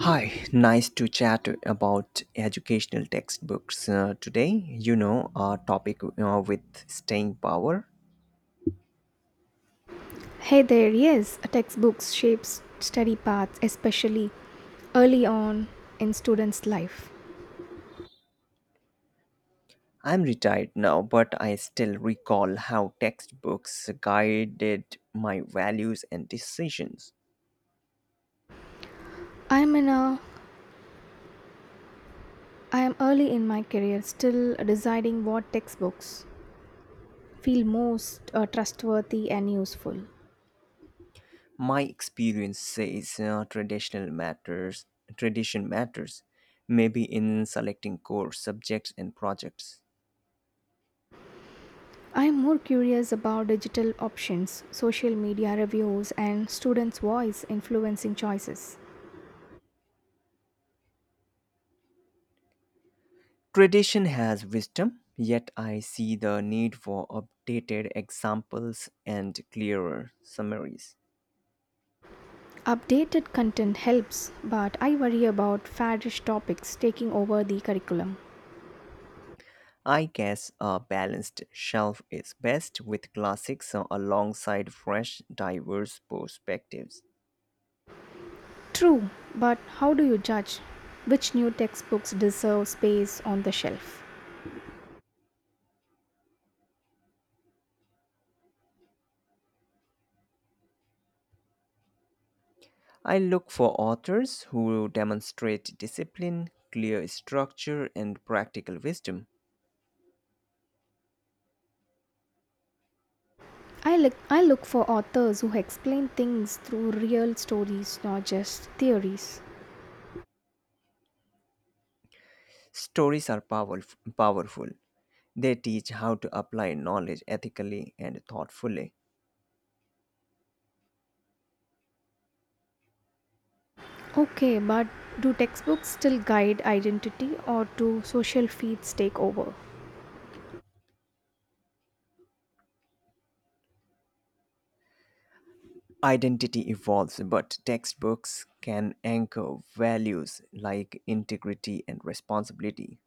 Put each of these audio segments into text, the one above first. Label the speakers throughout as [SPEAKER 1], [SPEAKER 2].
[SPEAKER 1] Hi, nice to chat about educational textbooks today. You know, our topic with staying power.
[SPEAKER 2] Hey there, yes, textbooks shapes study paths, especially early on in students' life.
[SPEAKER 1] I'm retired now, but I still recall how textbooks guided my values and decisions.
[SPEAKER 2] I'm in a I am early in my career, still deciding what textbooks feel most trustworthy and useful.
[SPEAKER 1] My experience says Tradition matters, maybe in selecting core subjects and projects.
[SPEAKER 2] I'm more curious about digital options, social media reviews, and students' voice influencing choices.
[SPEAKER 1] Tradition has wisdom, yet I see the need for updated examples and clearer summaries.
[SPEAKER 2] Updated content helps, but I worry about faddish topics taking over the curriculum.
[SPEAKER 1] I guess a balanced shelf is best with classics alongside fresh, diverse perspectives.
[SPEAKER 2] True, but how do you judge which new textbooks deserve space on the shelf?
[SPEAKER 1] I look for authors who demonstrate discipline, clear structure, and practical wisdom.
[SPEAKER 2] I look for authors who explain things through real stories, not just theories.
[SPEAKER 1] Stories are powerful. They teach how to apply knowledge ethically and thoughtfully.
[SPEAKER 2] Okay, but do textbooks still guide identity or do social feeds take over?
[SPEAKER 1] Identity evolves, but textbooks can anchor values like integrity and responsibility.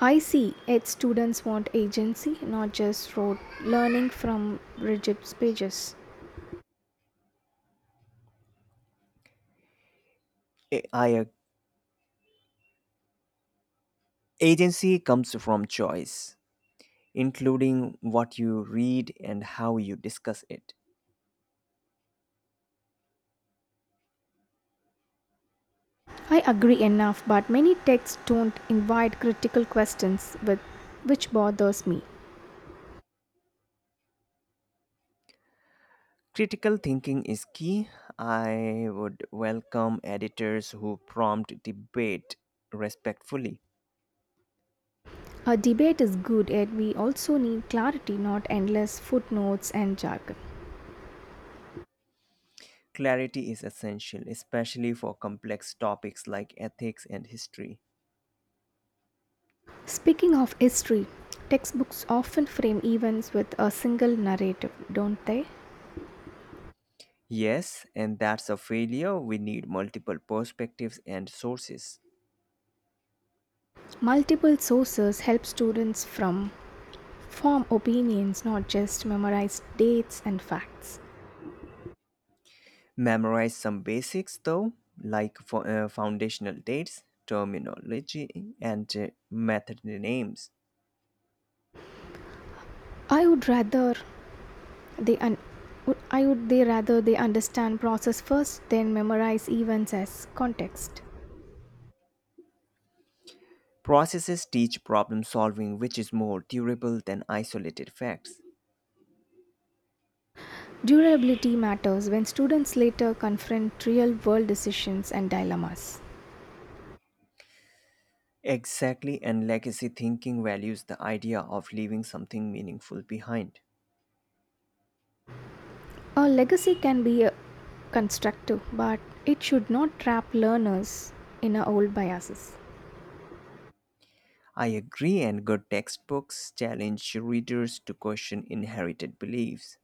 [SPEAKER 2] I see it. Students want agency, not just rote learning from rigid pages.
[SPEAKER 1] AI Agency comes from choice, including what you read and how you discuss it.
[SPEAKER 2] I agree enough, but many texts don't invite critical questions with which bothers me.
[SPEAKER 1] Critical thinking is key. I would welcome editors who prompt debate respectfully.
[SPEAKER 2] A debate is good, yet we also need clarity, not endless footnotes and jargon.
[SPEAKER 1] Clarity is essential, especially for complex topics like ethics and history.
[SPEAKER 2] Speaking of history, textbooks often frame events with a single narrative, don't they?
[SPEAKER 1] Yes, and that's a failure. We need multiple perspectives and sources.
[SPEAKER 2] Multiple sources help students from form opinions, not just memorize dates and facts.
[SPEAKER 1] Memorize some basics though, like foundational dates, terminology, and method names.
[SPEAKER 2] I would rather they un- I would they rather they understand process first, then memorize events as context.
[SPEAKER 1] Processes teach problem solving, which is more durable than isolated facts.
[SPEAKER 2] Durability matters when students later confront real world decisions and dilemmas.
[SPEAKER 1] Exactly, and legacy thinking values the idea of leaving something meaningful behind.
[SPEAKER 2] A legacy can be constructive, but it should not trap learners in our old biases.
[SPEAKER 1] I agree, and good textbooks challenge readers to question inherited beliefs.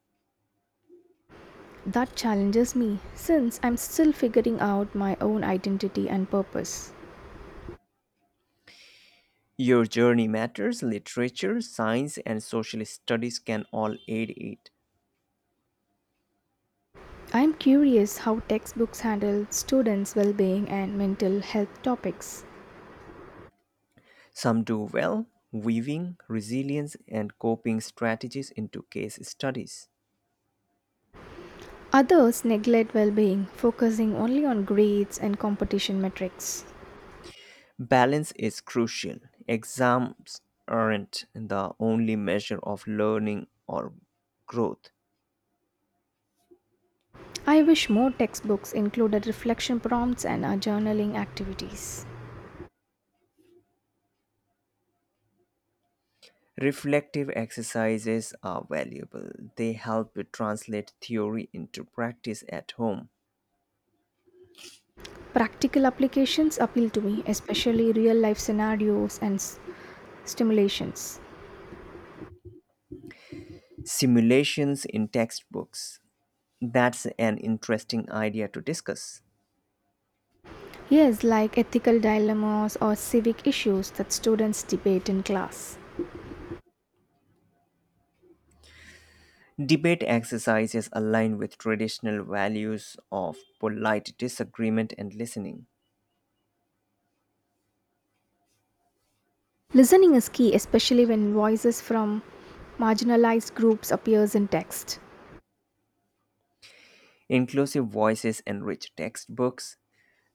[SPEAKER 2] That challenges me since I'm still figuring out my own identity and purpose.
[SPEAKER 1] Your journey matters. Literature, science, and social studies can all aid it.
[SPEAKER 2] I'm curious how textbooks handle students' well being and mental health topics.
[SPEAKER 1] Some do well, weaving resilience and coping strategies into case studies.
[SPEAKER 2] Others neglect well being, focusing only on grades and competition metrics.
[SPEAKER 1] Balance is crucial. Exams aren't the only measure of learning or growth.
[SPEAKER 2] I wish more textbooks included reflection prompts and journaling activities.
[SPEAKER 1] Reflective exercises are valuable. They help translate theory into practice at home.
[SPEAKER 2] Practical applications appeal to me, especially real life scenarios and stimulations.
[SPEAKER 1] Simulations in textbooks. That's an interesting idea to discuss.
[SPEAKER 2] Yes, like ethical dilemmas or civic issues that students debate in class.
[SPEAKER 1] Debate exercises align with traditional values of polite disagreement and listening,
[SPEAKER 2] Listening is key, especially when voices from marginalized groups appears in text.
[SPEAKER 1] inclusive voices, and rich textbooks,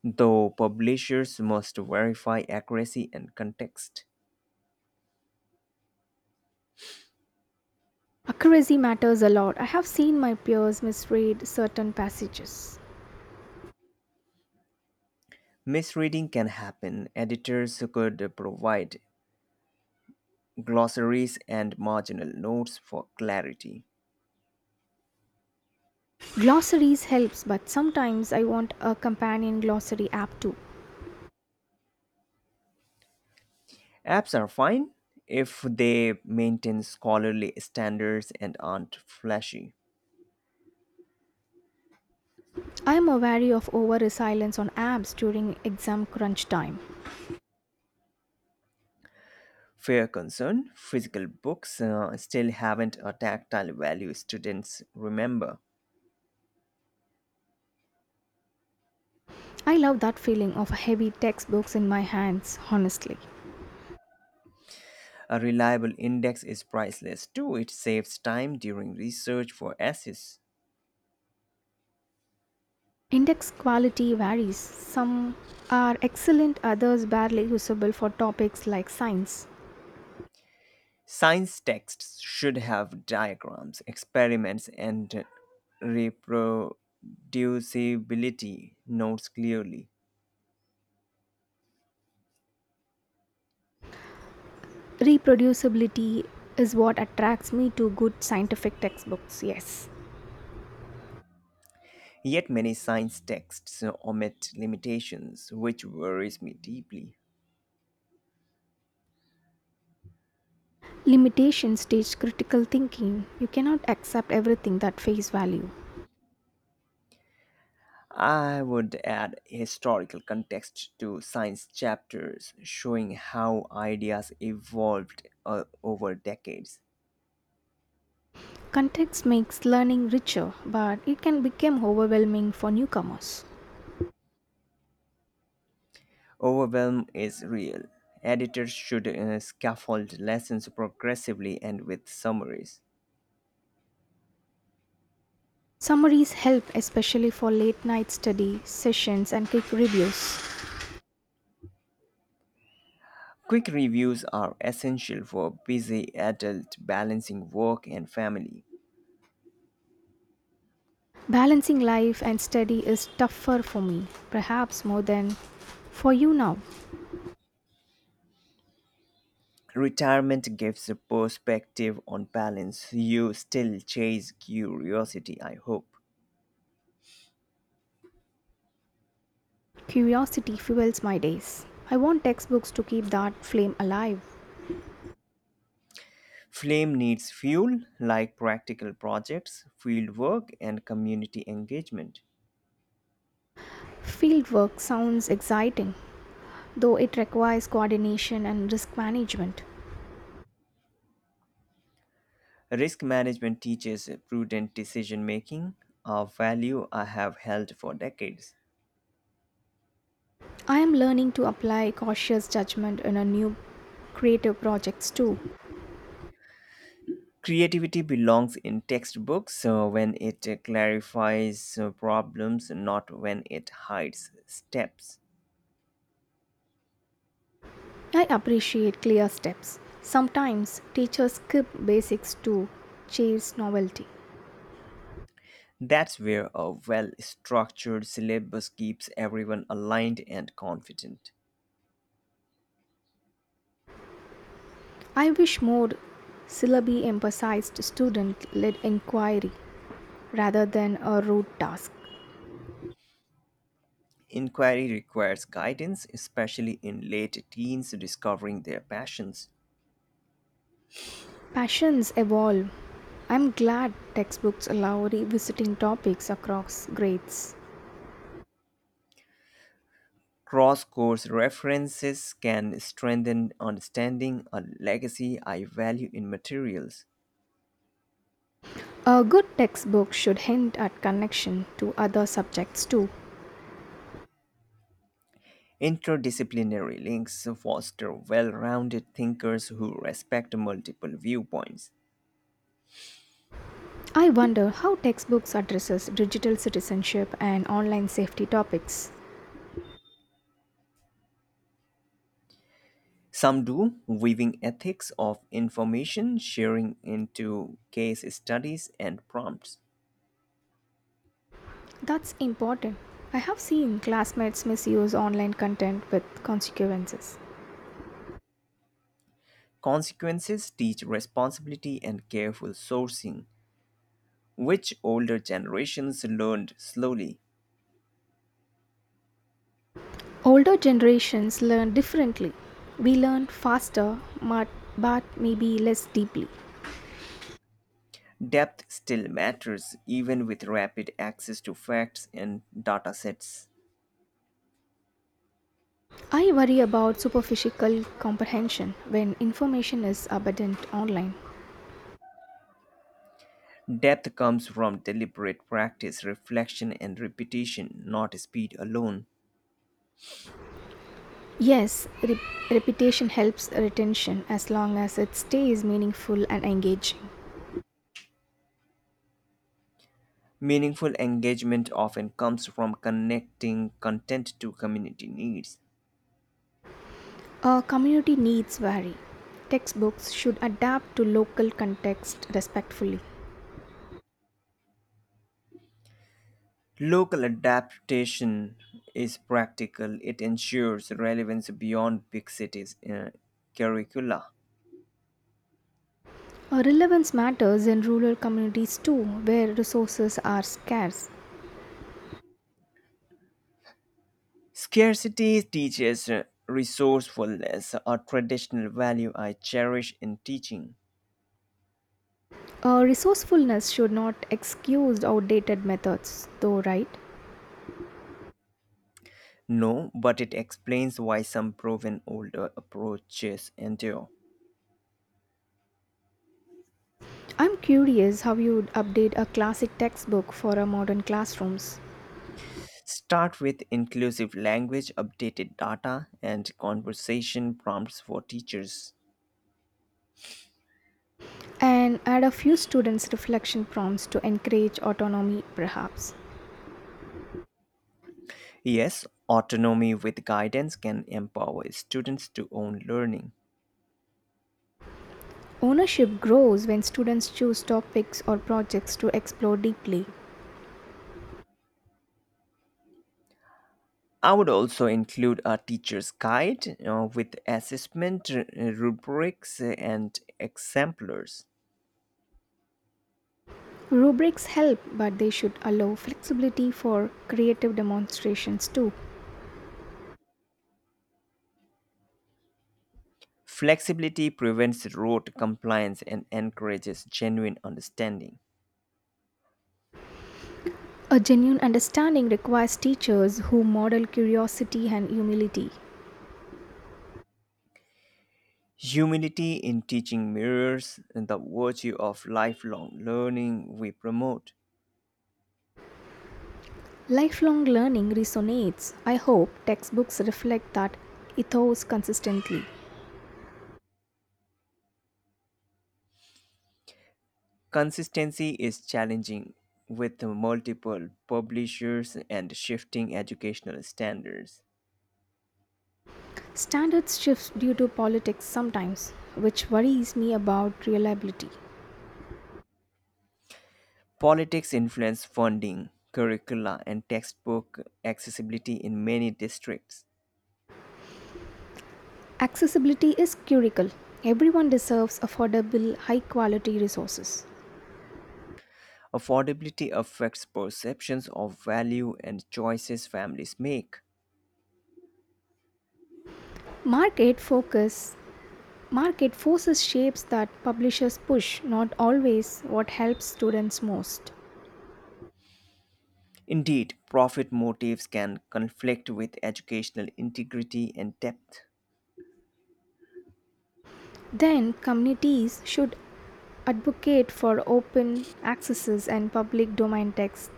[SPEAKER 1] though publishers must verify accuracy and context.
[SPEAKER 2] Accuracy matters a lot. I have seen my peers misread certain passages.
[SPEAKER 1] Misreading can happen. Editors could provide glossaries and marginal notes for clarity.
[SPEAKER 2] Glossaries helps, but sometimes I want a companion glossary app too.
[SPEAKER 1] Apps are fine if they maintain scholarly standards and aren't flashy.
[SPEAKER 2] I am wary of over reliance on apps during exam crunch time.
[SPEAKER 1] Fair concern, physical books still haven't a tactile value students remember.
[SPEAKER 2] I love that feeling of heavy textbooks in my hands, honestly.
[SPEAKER 1] A reliable index is priceless too, it saves time during research for essays.
[SPEAKER 2] Index quality varies. Some are excellent, others barely usable for topics like science.
[SPEAKER 1] Science texts should have diagrams, experiments, and reproducibility notes clearly.
[SPEAKER 2] Reproducibility is what attracts me to good scientific textbooks, yes.
[SPEAKER 1] Yet many science texts omit limitations, which worries me deeply.
[SPEAKER 2] Limitations teach critical thinking. You cannot accept everything at face value.
[SPEAKER 1] I would add historical context to science chapters showing how ideas evolved over decades.
[SPEAKER 2] Context makes learning richer, but it can become overwhelming for newcomers.
[SPEAKER 1] Overwhelm is real. Editors should scaffold lessons progressively and with summaries.
[SPEAKER 2] Summaries help especially for late night study, sessions, and quick reviews.
[SPEAKER 1] Quick reviews are essential for busy adult balancing work and family.
[SPEAKER 2] Balancing life and study is tougher for me, perhaps more than for you now.
[SPEAKER 1] Retirement gives a perspective on balance. You still chase curiosity, I hope.
[SPEAKER 2] Curiosity fuels my days. I want textbooks to keep that flame alive.
[SPEAKER 1] Flame needs fuel like practical projects, fieldwork, and community engagement.
[SPEAKER 2] Fieldwork sounds exciting, though it requires coordination and risk management.
[SPEAKER 1] Risk management teaches prudent decision making, a value I have held for decades.
[SPEAKER 2] I am learning to apply cautious judgment in a new creative projects too.
[SPEAKER 1] Creativity belongs in textbooks when it clarifies problems, not when it hides steps.
[SPEAKER 2] I appreciate clear steps. Sometimes teachers skip basics to chase novelty.
[SPEAKER 1] That's where a well structured syllabus keeps everyone aligned and confident.
[SPEAKER 2] I wish more syllabi emphasized student led inquiry rather than a rote task.
[SPEAKER 1] Inquiry requires guidance, especially in late teens discovering their passions.
[SPEAKER 2] Passions evolve. I'm glad textbooks allow revisiting topics across grades.
[SPEAKER 1] Cross course references can strengthen understanding, a legacy I value in materials.
[SPEAKER 2] A good textbook should hint at connection to other subjects too.
[SPEAKER 1] Interdisciplinary links foster well rounded thinkers who respect multiple viewpoints.
[SPEAKER 2] I wonder how textbooks addresses digital citizenship and online safety topics.
[SPEAKER 1] Some do, weaving ethics of information sharing into case studies and prompts.
[SPEAKER 2] That's important. I have seen classmates misuse online content with consequences.
[SPEAKER 1] Consequences teach responsibility and careful sourcing, which older generations learned slowly.
[SPEAKER 2] Older generations learn differently. We learn faster, but maybe less deeply.
[SPEAKER 1] Depth still matters even with rapid access to facts and data sets.
[SPEAKER 2] I worry about superficial comprehension when information is abundant online.
[SPEAKER 1] Depth comes from deliberate practice, reflection, and repetition, not speed alone.
[SPEAKER 2] Yes, reputation helps retention as long as it stays meaningful and engaging.
[SPEAKER 1] Meaningful engagement often comes from connecting content to community needs.
[SPEAKER 2] Our community needs vary. Textbooks should adapt to local context respectfully.
[SPEAKER 1] Local adaptation is practical, it ensures relevance beyond big cities curricula.
[SPEAKER 2] Relevance matters in rural communities too, where resources are scarce.
[SPEAKER 1] Scarcity teaches resourcefulness, a traditional value I cherish in teaching.
[SPEAKER 2] Resourcefulness should not excuse outdated methods, though, right?
[SPEAKER 1] No, but it explains why some proven older approaches endure.
[SPEAKER 2] I'm curious how you'd update a classic textbook for our modern classrooms
[SPEAKER 1] Start with inclusive language, updated data, and conversation prompts for teachers.
[SPEAKER 2] and add a few students' reflection prompts to encourage autonomy, perhaps.
[SPEAKER 1] Yes, autonomy with guidance can empower students to own learning.
[SPEAKER 2] Ownership grows when students choose topics or projects to explore deeply.
[SPEAKER 1] I would also include a teacher's guide with assessment rubrics and exemplars.
[SPEAKER 2] Rubrics help, but they should allow flexibility for creative demonstrations too.
[SPEAKER 1] Flexibility prevents rote compliance and encourages genuine understanding.
[SPEAKER 2] A genuine understanding requires teachers who model curiosity and humility.
[SPEAKER 1] Humility in teaching mirrors the virtue of lifelong learning we promote.
[SPEAKER 2] Lifelong learning resonates. I hope textbooks reflect that ethos consistently.
[SPEAKER 1] Consistency is challenging with multiple publishers and shifting educational standards.
[SPEAKER 2] Standards shift due to politics sometimes, which worries me about reliability.
[SPEAKER 1] Politics influence funding, curricula, and textbook accessibility in many districts.
[SPEAKER 2] Accessibility is critical. Everyone deserves affordable, high-quality resources.
[SPEAKER 1] Affordability affects perceptions of value and choices families make.
[SPEAKER 2] Market focus market forces shapes that publishers push, not always what helps students most.
[SPEAKER 1] Indeed, profit motives can conflict with educational integrity and depth.
[SPEAKER 2] Then, communities should advocate for open accesses and public domain text.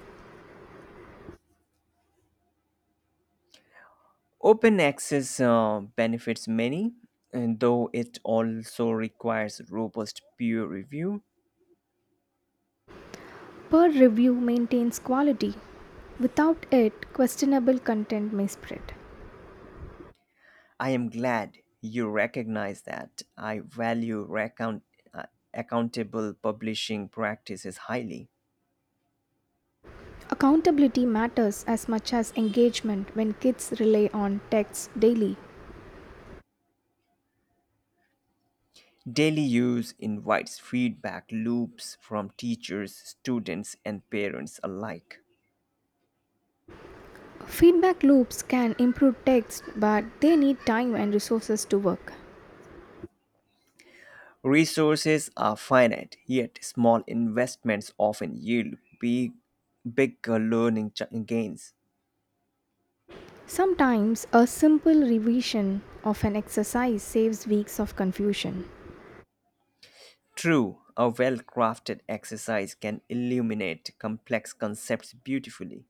[SPEAKER 1] Open access benefits many, and though it also requires robust peer review.
[SPEAKER 2] Peer review maintains quality. Without it, questionable content may spread.
[SPEAKER 1] I am glad you recognize that. I value uh, accountable publishing practices highly.
[SPEAKER 2] Accountability matters as much as engagement when kids rely on texts daily.
[SPEAKER 1] Daily use invites feedback loops from teachers, students, and parents alike.
[SPEAKER 2] Feedback loops can improve text, but they need time and resources to work.
[SPEAKER 1] Resources are finite, yet small investments often yield big, bigger learning gains.
[SPEAKER 2] Sometimes a simple revision of an exercise saves weeks of confusion.
[SPEAKER 1] True, a well crafted exercise can illuminate complex concepts beautifully.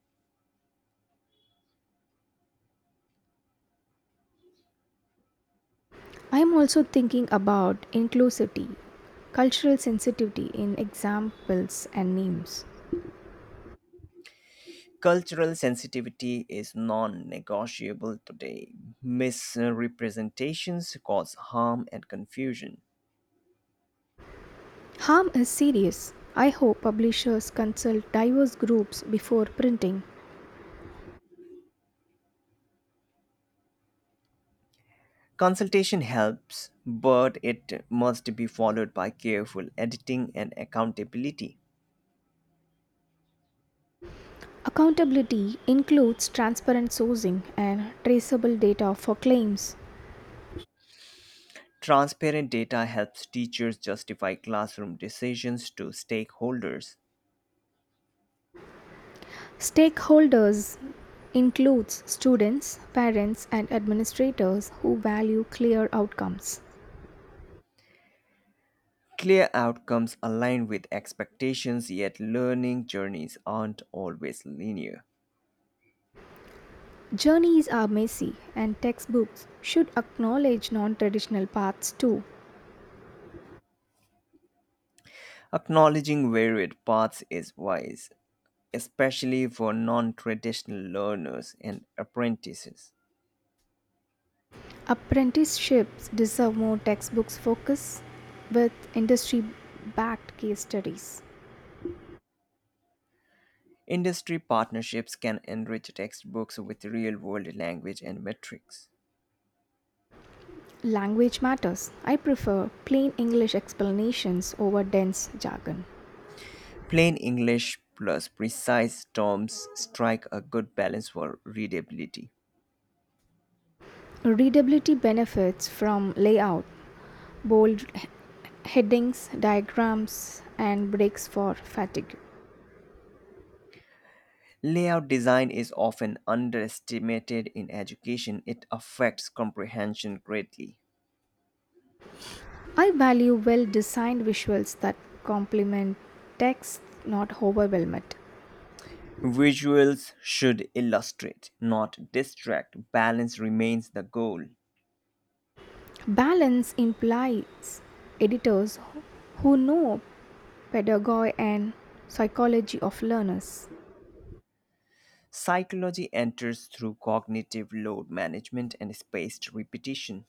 [SPEAKER 2] I am also thinking about inclusivity. Cultural sensitivity in examples and names.
[SPEAKER 1] Cultural sensitivity is non negotiable today. Misrepresentations cause harm and confusion.
[SPEAKER 2] Harm is serious. I hope publishers consult diverse groups before printing.
[SPEAKER 1] Consultation helps, but it must be followed by careful editing and accountability.
[SPEAKER 2] Accountability includes transparent sourcing and traceable data for claims.
[SPEAKER 1] Transparent data helps teachers justify classroom decisions to stakeholders.
[SPEAKER 2] Stakeholders includes students, parents, and administrators who value clear outcomes.
[SPEAKER 1] Clear outcomes align with expectations, yet learning journeys aren't always linear.
[SPEAKER 2] Journeys are messy, and textbooks should acknowledge non traditional paths too.
[SPEAKER 1] Acknowledging varied paths is wise, especially for non traditional learners and apprentices.
[SPEAKER 2] Apprenticeships deserve more textbooks focus with industry backed case studies.
[SPEAKER 1] Industry partnerships can enrich textbooks with real world language and metrics.
[SPEAKER 2] Language matters. I prefer plain English explanations over dense jargon.
[SPEAKER 1] Plain English plus precise terms strike a good balance for readability.
[SPEAKER 2] Readability benefits from layout, bold headings, diagrams, and breaks for fatigue.
[SPEAKER 1] Layout design is often underestimated in education, it affects comprehension greatly.
[SPEAKER 2] I value well designed visuals that complement text, not overwhelm it.
[SPEAKER 1] Visuals should illustrate, not distract. Balance remains the goal.
[SPEAKER 2] Balance implies editors who know pedagogy and psychology of learners.
[SPEAKER 1] Psychology enters through cognitive load management and spaced repetition.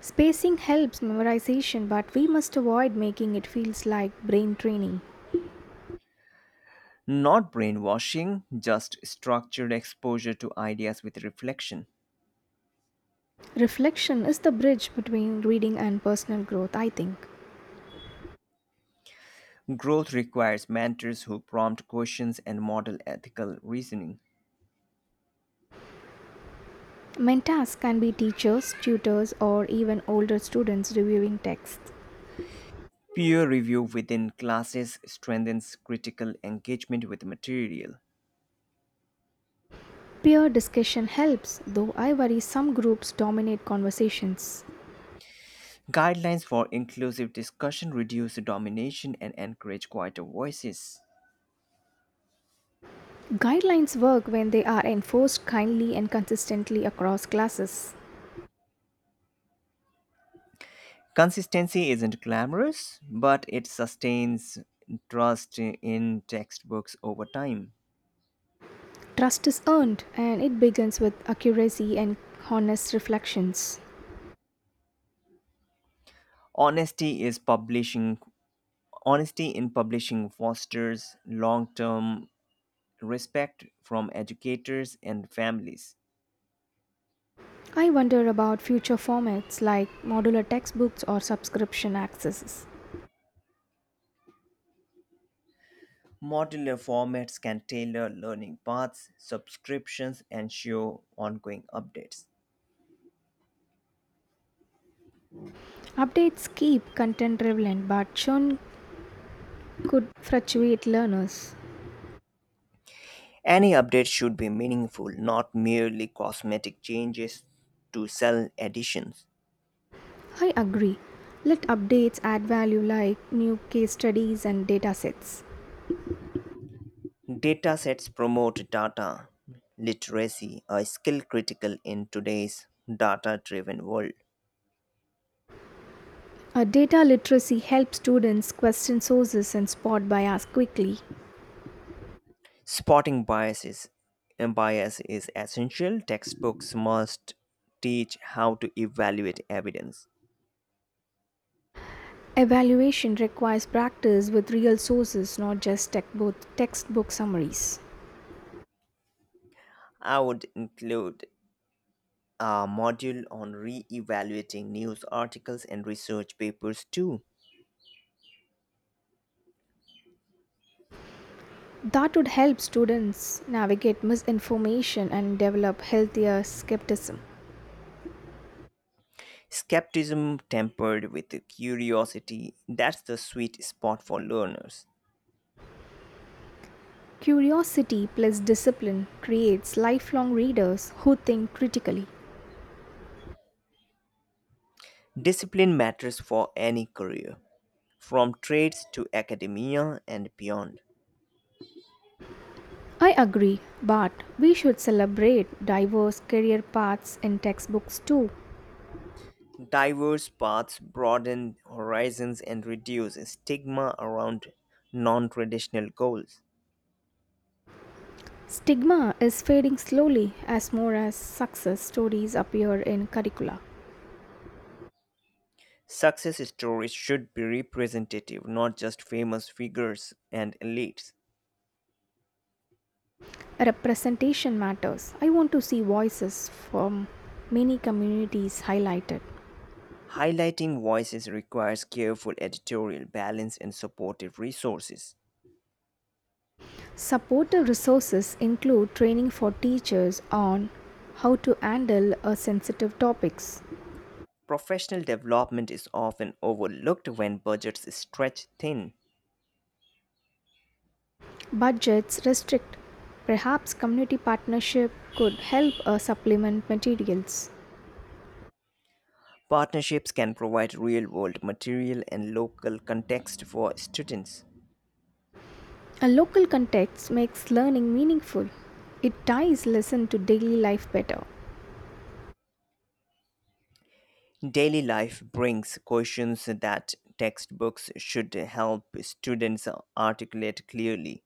[SPEAKER 2] Spacing helps memorization, but we must avoid making it feels like brain training.
[SPEAKER 1] Not brainwashing, just structured exposure to ideas with reflection.
[SPEAKER 2] Reflection is the bridge between reading and personal growth, I think.
[SPEAKER 1] Growth requires mentors who prompt questions and model ethical reasoning.
[SPEAKER 2] Mentors can be teachers, tutors, or even older students reviewing texts.
[SPEAKER 1] Peer review within classes strengthens critical engagement with material.
[SPEAKER 2] Peer discussion helps, though I worry some groups dominate conversations.
[SPEAKER 1] Guidelines for inclusive discussion reduce domination and encourage quieter voices.
[SPEAKER 2] Guidelines work when they are enforced kindly and consistently across classes.
[SPEAKER 1] Consistency isn't glamorous, but it sustains trust in textbooks over time.
[SPEAKER 2] Trust is earned and it begins with accuracy and honest reflections.
[SPEAKER 1] Honesty is publishing honesty in publishing fosters long-term respect from educators and families.
[SPEAKER 2] I wonder about future formats like modular textbooks or subscription accesses.
[SPEAKER 1] Modular formats can tailor learning paths, subscriptions, and show ongoing updates.
[SPEAKER 2] Updates keep content relevant but churn could fluctuate learners.
[SPEAKER 1] Any update should be meaningful, not merely cosmetic changes to sell editions.
[SPEAKER 2] I agree. Let updates add value like new case studies and data sets.
[SPEAKER 1] Datasets promote data literacy, a skill critical in today's data-driven world.
[SPEAKER 2] A data literacy helps students question sources and spot bias quickly.
[SPEAKER 1] Spotting bias is essential. Textbooks must teach how to evaluate evidence.
[SPEAKER 2] Evaluation requires practice with real sources, not just both textbook summaries.
[SPEAKER 1] I would include a module on re-evaluating news articles and research papers too.
[SPEAKER 2] That would help students navigate misinformation and develop healthier skepticism.
[SPEAKER 1] Skepticism tempered with curiosity, that's the sweet spot for learners.
[SPEAKER 2] Curiosity plus discipline creates lifelong readers who think critically.
[SPEAKER 1] Discipline matters for any career. From trades to academia and beyond,
[SPEAKER 2] I agree, but we should celebrate diverse career paths in textbooks too.
[SPEAKER 1] diverse paths broaden horizons and reduce stigma around non traditional goals.
[SPEAKER 2] Stigma is fading slowly as more as success stories appear in curricula.
[SPEAKER 1] Success stories should be representative, not just famous figures and elites.
[SPEAKER 2] Representation matters. I want to see voices from many communities highlighted.
[SPEAKER 1] Highlighting voices requires careful editorial balance and supportive resources.
[SPEAKER 2] Supportive resources include training for teachers on how to handle a sensitive topics.
[SPEAKER 1] Professional development is often overlooked when budgets stretch thin.
[SPEAKER 2] Budgets restrict. Perhaps community partnership could help supplement materials.
[SPEAKER 1] Partnerships can provide real world material and local context for students.
[SPEAKER 2] A local context makes learning meaningful. It ties lesson to daily life better.
[SPEAKER 1] Daily life brings questions that textbooks should help students articulate clearly.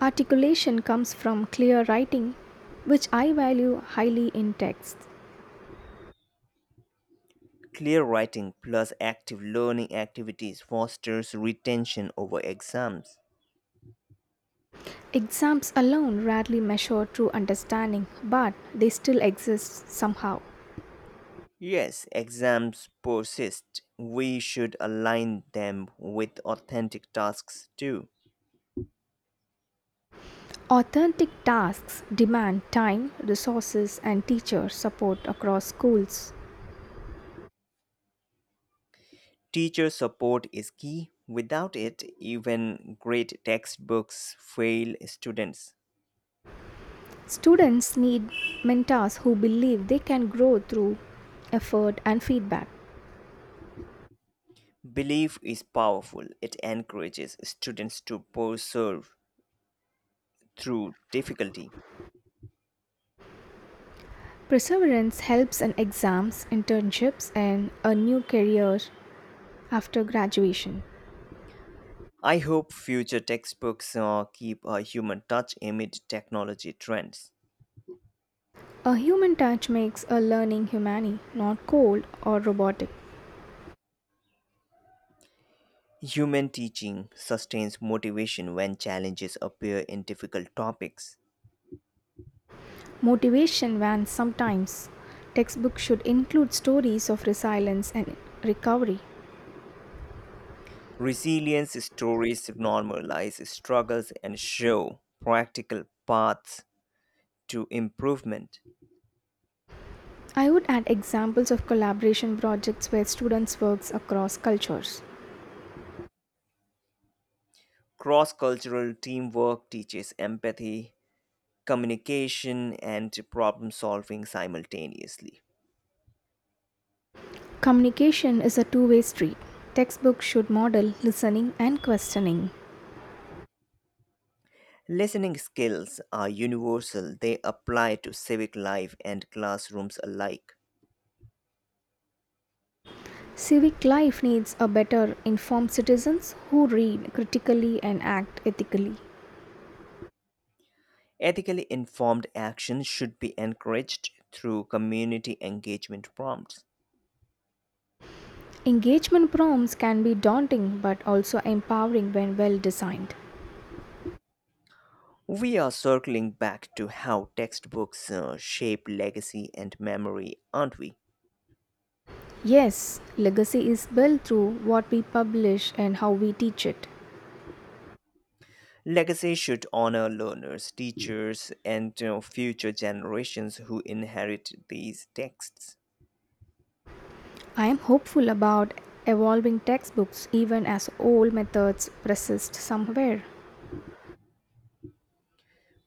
[SPEAKER 2] Articulation comes from clear writing, which I value highly in text.
[SPEAKER 1] Clear writing plus active learning activities fosters retention over exams.
[SPEAKER 2] Exams alone rarely measure true understanding, but they still exist somehow.
[SPEAKER 1] Yes, exams persist. We should align them with authentic tasks too.
[SPEAKER 2] Authentic tasks demand time, resources, and teacher support across schools.
[SPEAKER 1] Teacher support is key. Without it, even great textbooks fail students.
[SPEAKER 2] Students need mentors who believe they can grow through effort and feedback.
[SPEAKER 1] Belief is powerful. It encourages students to persevere through difficulty.
[SPEAKER 2] Perseverance helps in exams, internships, and a new career after graduation.
[SPEAKER 1] I hope future textbooks keep a human touch amid technology trends.
[SPEAKER 2] A human touch makes a learning humane, not cold or robotic.
[SPEAKER 1] Human teaching sustains motivation when challenges appear in difficult topics.
[SPEAKER 2] Motivation vans sometimes. Textbooks should include stories of resilience and recovery.
[SPEAKER 1] Resilience stories normalize struggles and show practical paths to improvement.
[SPEAKER 2] I would add examples of collaboration projects where students work across cultures.
[SPEAKER 1] Cross cultural teamwork teaches empathy, communication, and problem solving simultaneously.
[SPEAKER 2] Communication is a two-way street. Textbooks should model listening and questioning.
[SPEAKER 1] Listening skills are universal, they apply to civic life and classrooms alike.
[SPEAKER 2] Civic life needs a better informed citizens who read critically and act ethically.
[SPEAKER 1] Ethically informed action should be encouraged through community engagement prompts.
[SPEAKER 2] Engagement prompts can be daunting but also empowering when well designed.
[SPEAKER 1] We are circling back to how textbooks shape legacy and memory, aren't we?
[SPEAKER 2] Yes, legacy is built through what we publish and how we teach it.
[SPEAKER 1] Legacy should honor learners, teachers, and future generations who inherit these texts.
[SPEAKER 2] I am hopeful about evolving textbooks even as old methods persist somewhere.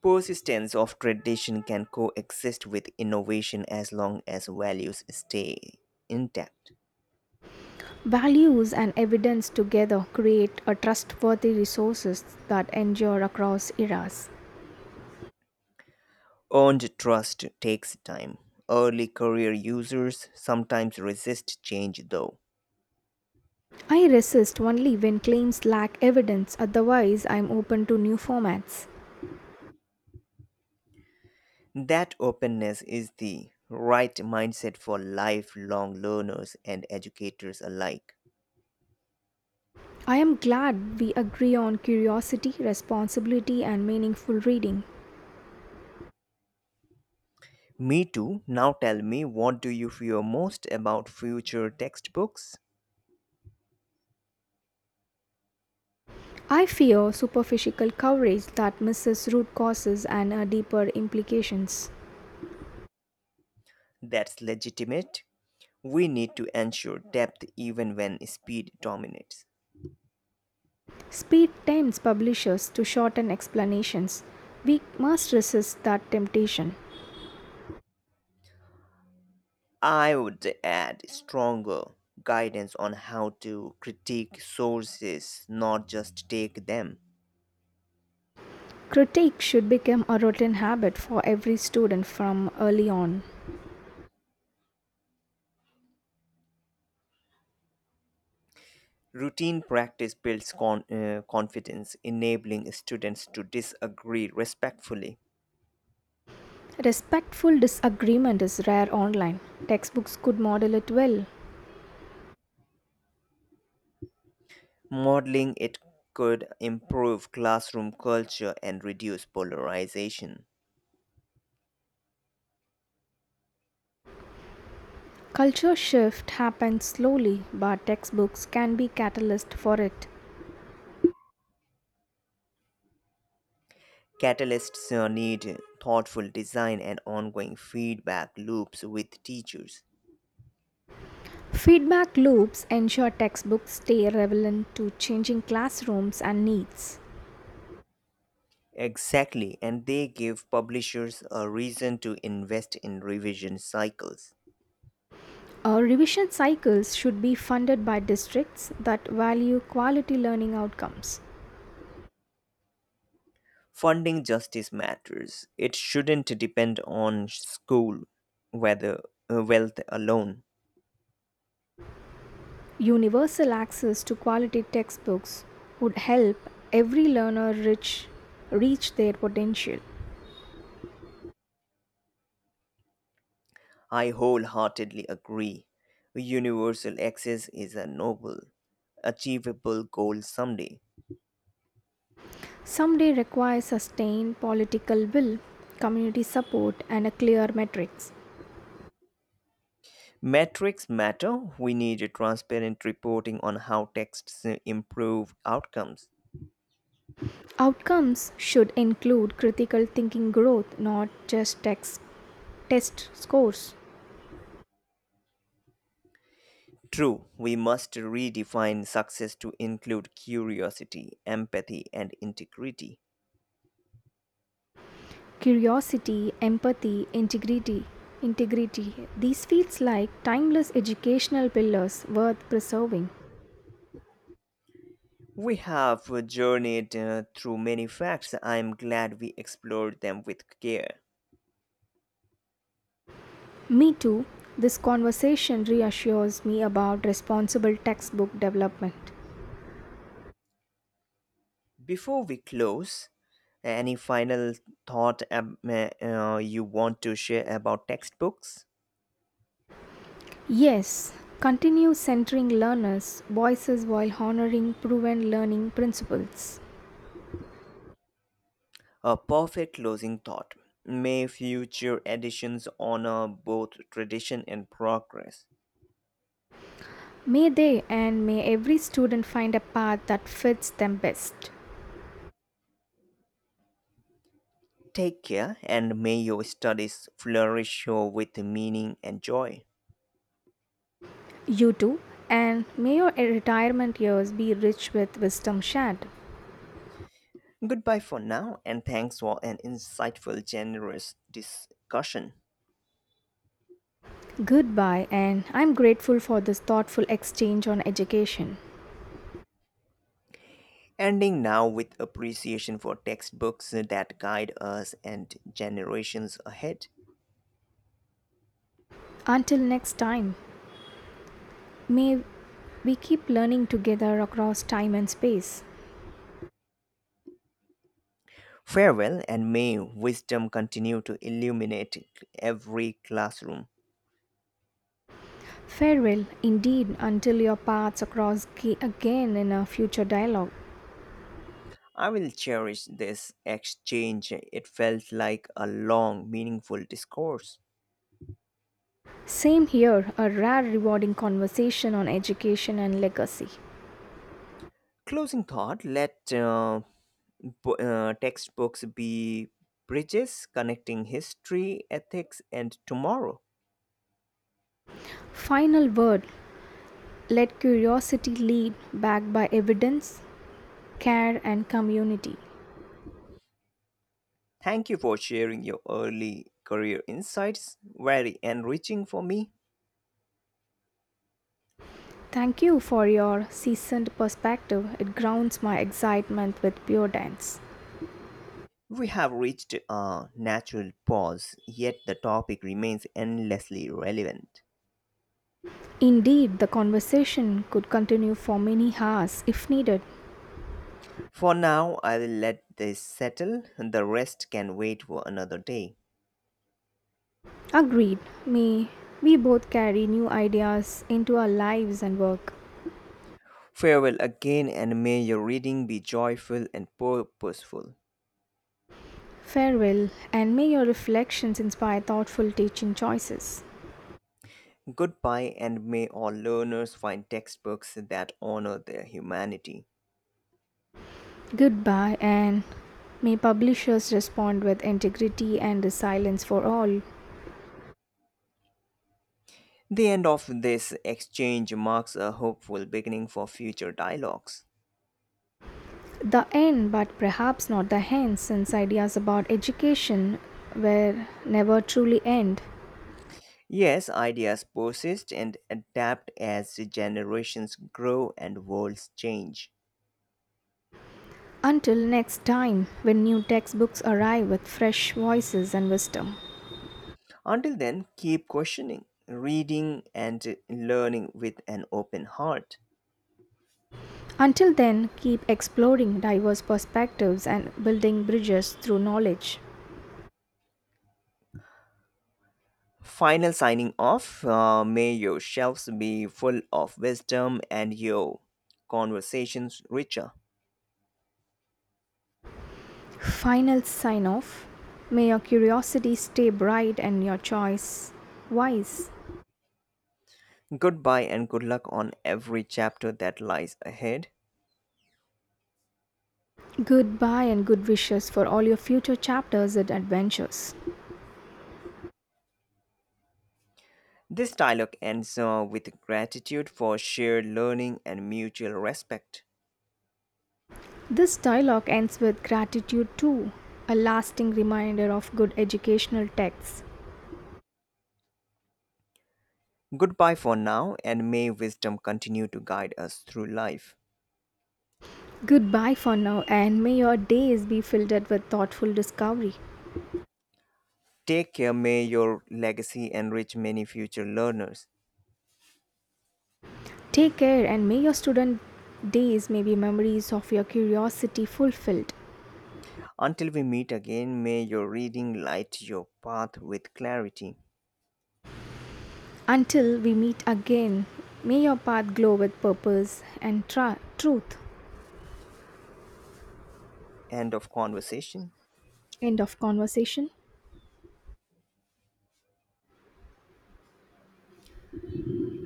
[SPEAKER 1] Persistence of tradition can coexist with innovation as long as values stay intact.
[SPEAKER 2] Values and evidence together create a trustworthy resources that endure across eras.
[SPEAKER 1] Earned trust takes time. Early career users sometimes resist change, though.
[SPEAKER 2] I resist only when claims lack evidence, otherwise, I am open to new formats.
[SPEAKER 1] That openness is the right mindset for lifelong learners and educators alike.
[SPEAKER 2] I am glad we agree on curiosity, responsibility, and meaningful reading.
[SPEAKER 1] Me too. Now tell me, what do you fear most about future textbooks?
[SPEAKER 2] I fear superficial coverage that misses root causes and deeper implications.
[SPEAKER 1] That's legitimate. We need to ensure depth even when speed dominates.
[SPEAKER 2] Speed tempts publishers to shorten explanations. We must resist that temptation.
[SPEAKER 1] I would add stronger guidance on how to critique sources, not just take them.
[SPEAKER 2] Critique should become a routine habit for every student from early on.
[SPEAKER 1] Routine practice builds confidence, enabling students to disagree respectfully.
[SPEAKER 2] Respectful disagreement is rare online. Textbooks could model it well.
[SPEAKER 1] Modeling it could improve classroom culture and reduce polarization.
[SPEAKER 2] Culture shift happens slowly, but textbooks can be catalyst for it.
[SPEAKER 1] Catalysts need thoughtful design and ongoing feedback loops with teachers.
[SPEAKER 2] Feedback loops ensure textbooks stay relevant to changing classrooms and needs.
[SPEAKER 1] Exactly, and they give publishers a reason to invest in revision cycles.
[SPEAKER 2] Our revision cycles should be funded by districts that value quality learning outcomes.
[SPEAKER 1] Funding justice matters. It shouldn't depend on school whether wealth alone.
[SPEAKER 2] Universal access to quality textbooks would help every learner reach their potential.
[SPEAKER 1] I wholeheartedly agree. Universal access is a noble, achievable goal someday.
[SPEAKER 2] Someday requires sustained political will, community support, and a clear metrics.
[SPEAKER 1] Metrics matter. We need a transparent reporting on how texts improve outcomes.
[SPEAKER 2] Outcomes should include critical thinking growth, not just text test scores.
[SPEAKER 1] True, we must redefine success to include curiosity, empathy, and integrity.
[SPEAKER 2] Curiosity, empathy, integrity, these feels like timeless educational pillars worth preserving.
[SPEAKER 1] We have journeyed through many facts. I am glad we explored them with care.
[SPEAKER 2] Me too, this conversation reassures me about responsible textbook development.
[SPEAKER 1] Before we close, any final thought you want to share about textbooks?
[SPEAKER 2] Yes, continue centering learners voices while honoring proven learning principles.
[SPEAKER 1] A perfect closing thought. May future editions honor both tradition and progress.
[SPEAKER 2] May they, and may every student find a path that fits them best.
[SPEAKER 1] Take care and may your studies flourish with meaning and joy.
[SPEAKER 2] You too, and may your retirement years be rich with wisdom shared.
[SPEAKER 1] Goodbye for now and thanks for an insightful, generous discussion.
[SPEAKER 2] Goodbye, and I'm grateful for this thoughtful exchange on education.
[SPEAKER 1] Ending now with appreciation for textbooks that guide us and generations ahead.
[SPEAKER 2] Until next time, may we keep learning together across time and space.
[SPEAKER 1] Farewell, and may wisdom continue to illuminate every classroom.
[SPEAKER 2] Farewell, indeed, until your paths cross again in a future dialogue.
[SPEAKER 1] I will cherish this exchange. It felt like a long, meaningful discourse.
[SPEAKER 2] Same here, a rare rewarding conversation on education and legacy.
[SPEAKER 1] Closing thought, let textbooks be bridges connecting history, ethics, and tomorrow.
[SPEAKER 2] Final word, let curiosity lead, backed by evidence, care, and community.
[SPEAKER 1] Thank you for sharing your early career insights, very enriching for me.
[SPEAKER 2] Thank you for your seasoned perspective. It grounds my excitement with Pure Dance.
[SPEAKER 1] We have reached a natural pause, yet the topic remains endlessly relevant.
[SPEAKER 2] Indeed, the conversation could continue for many hours if needed.
[SPEAKER 1] For now, I will let this settle, and the rest can wait for another day.
[SPEAKER 2] Agreed. Me, we both carry new ideas into our lives and work.
[SPEAKER 1] Farewell again, and may your reading be joyful and purposeful.
[SPEAKER 2] Farewell, and may your reflections inspire thoughtful teaching choices.
[SPEAKER 1] Goodbye, and may all learners find textbooks that honor their humanity.
[SPEAKER 2] Goodbye, and may publishers respond with integrity and resilience for all.
[SPEAKER 1] The end of this exchange marks a hopeful beginning for future dialogues.
[SPEAKER 2] The end, but perhaps not the end, since ideas about education will never truly end.
[SPEAKER 1] Yes, ideas persist and adapt as generations grow and worlds change.
[SPEAKER 2] Until next time when new textbooks arrive with fresh voices and wisdom.
[SPEAKER 1] Until then, keep questioning, reading, and learning with an open heart.
[SPEAKER 2] Until then, keep exploring diverse perspectives and building bridges through knowledge.
[SPEAKER 1] Final signing off. May your shelves be full of wisdom and your conversations richer.
[SPEAKER 2] Final sign off. May your curiosity stay bright and your choice wise.
[SPEAKER 1] Goodbye and good luck on every chapter that lies ahead.
[SPEAKER 2] Goodbye and good wishes for all your future chapters and adventures.
[SPEAKER 1] This dialogue ends with gratitude for shared learning and mutual respect.
[SPEAKER 2] This dialogue ends with gratitude too, a lasting reminder of good educational texts.
[SPEAKER 1] Goodbye for now, and may wisdom continue to guide us through life.
[SPEAKER 2] Goodbye for now, and may your days be filled with thoughtful discovery.
[SPEAKER 1] Take care, may your legacy enrich many future learners.
[SPEAKER 2] Take care, and may your student days may be memories of your curiosity fulfilled.
[SPEAKER 1] Until we meet again, may your reading light your path with clarity.
[SPEAKER 2] Until we meet again, may your path glow with purpose and truth.
[SPEAKER 1] End of conversation.
[SPEAKER 2] End of conversation.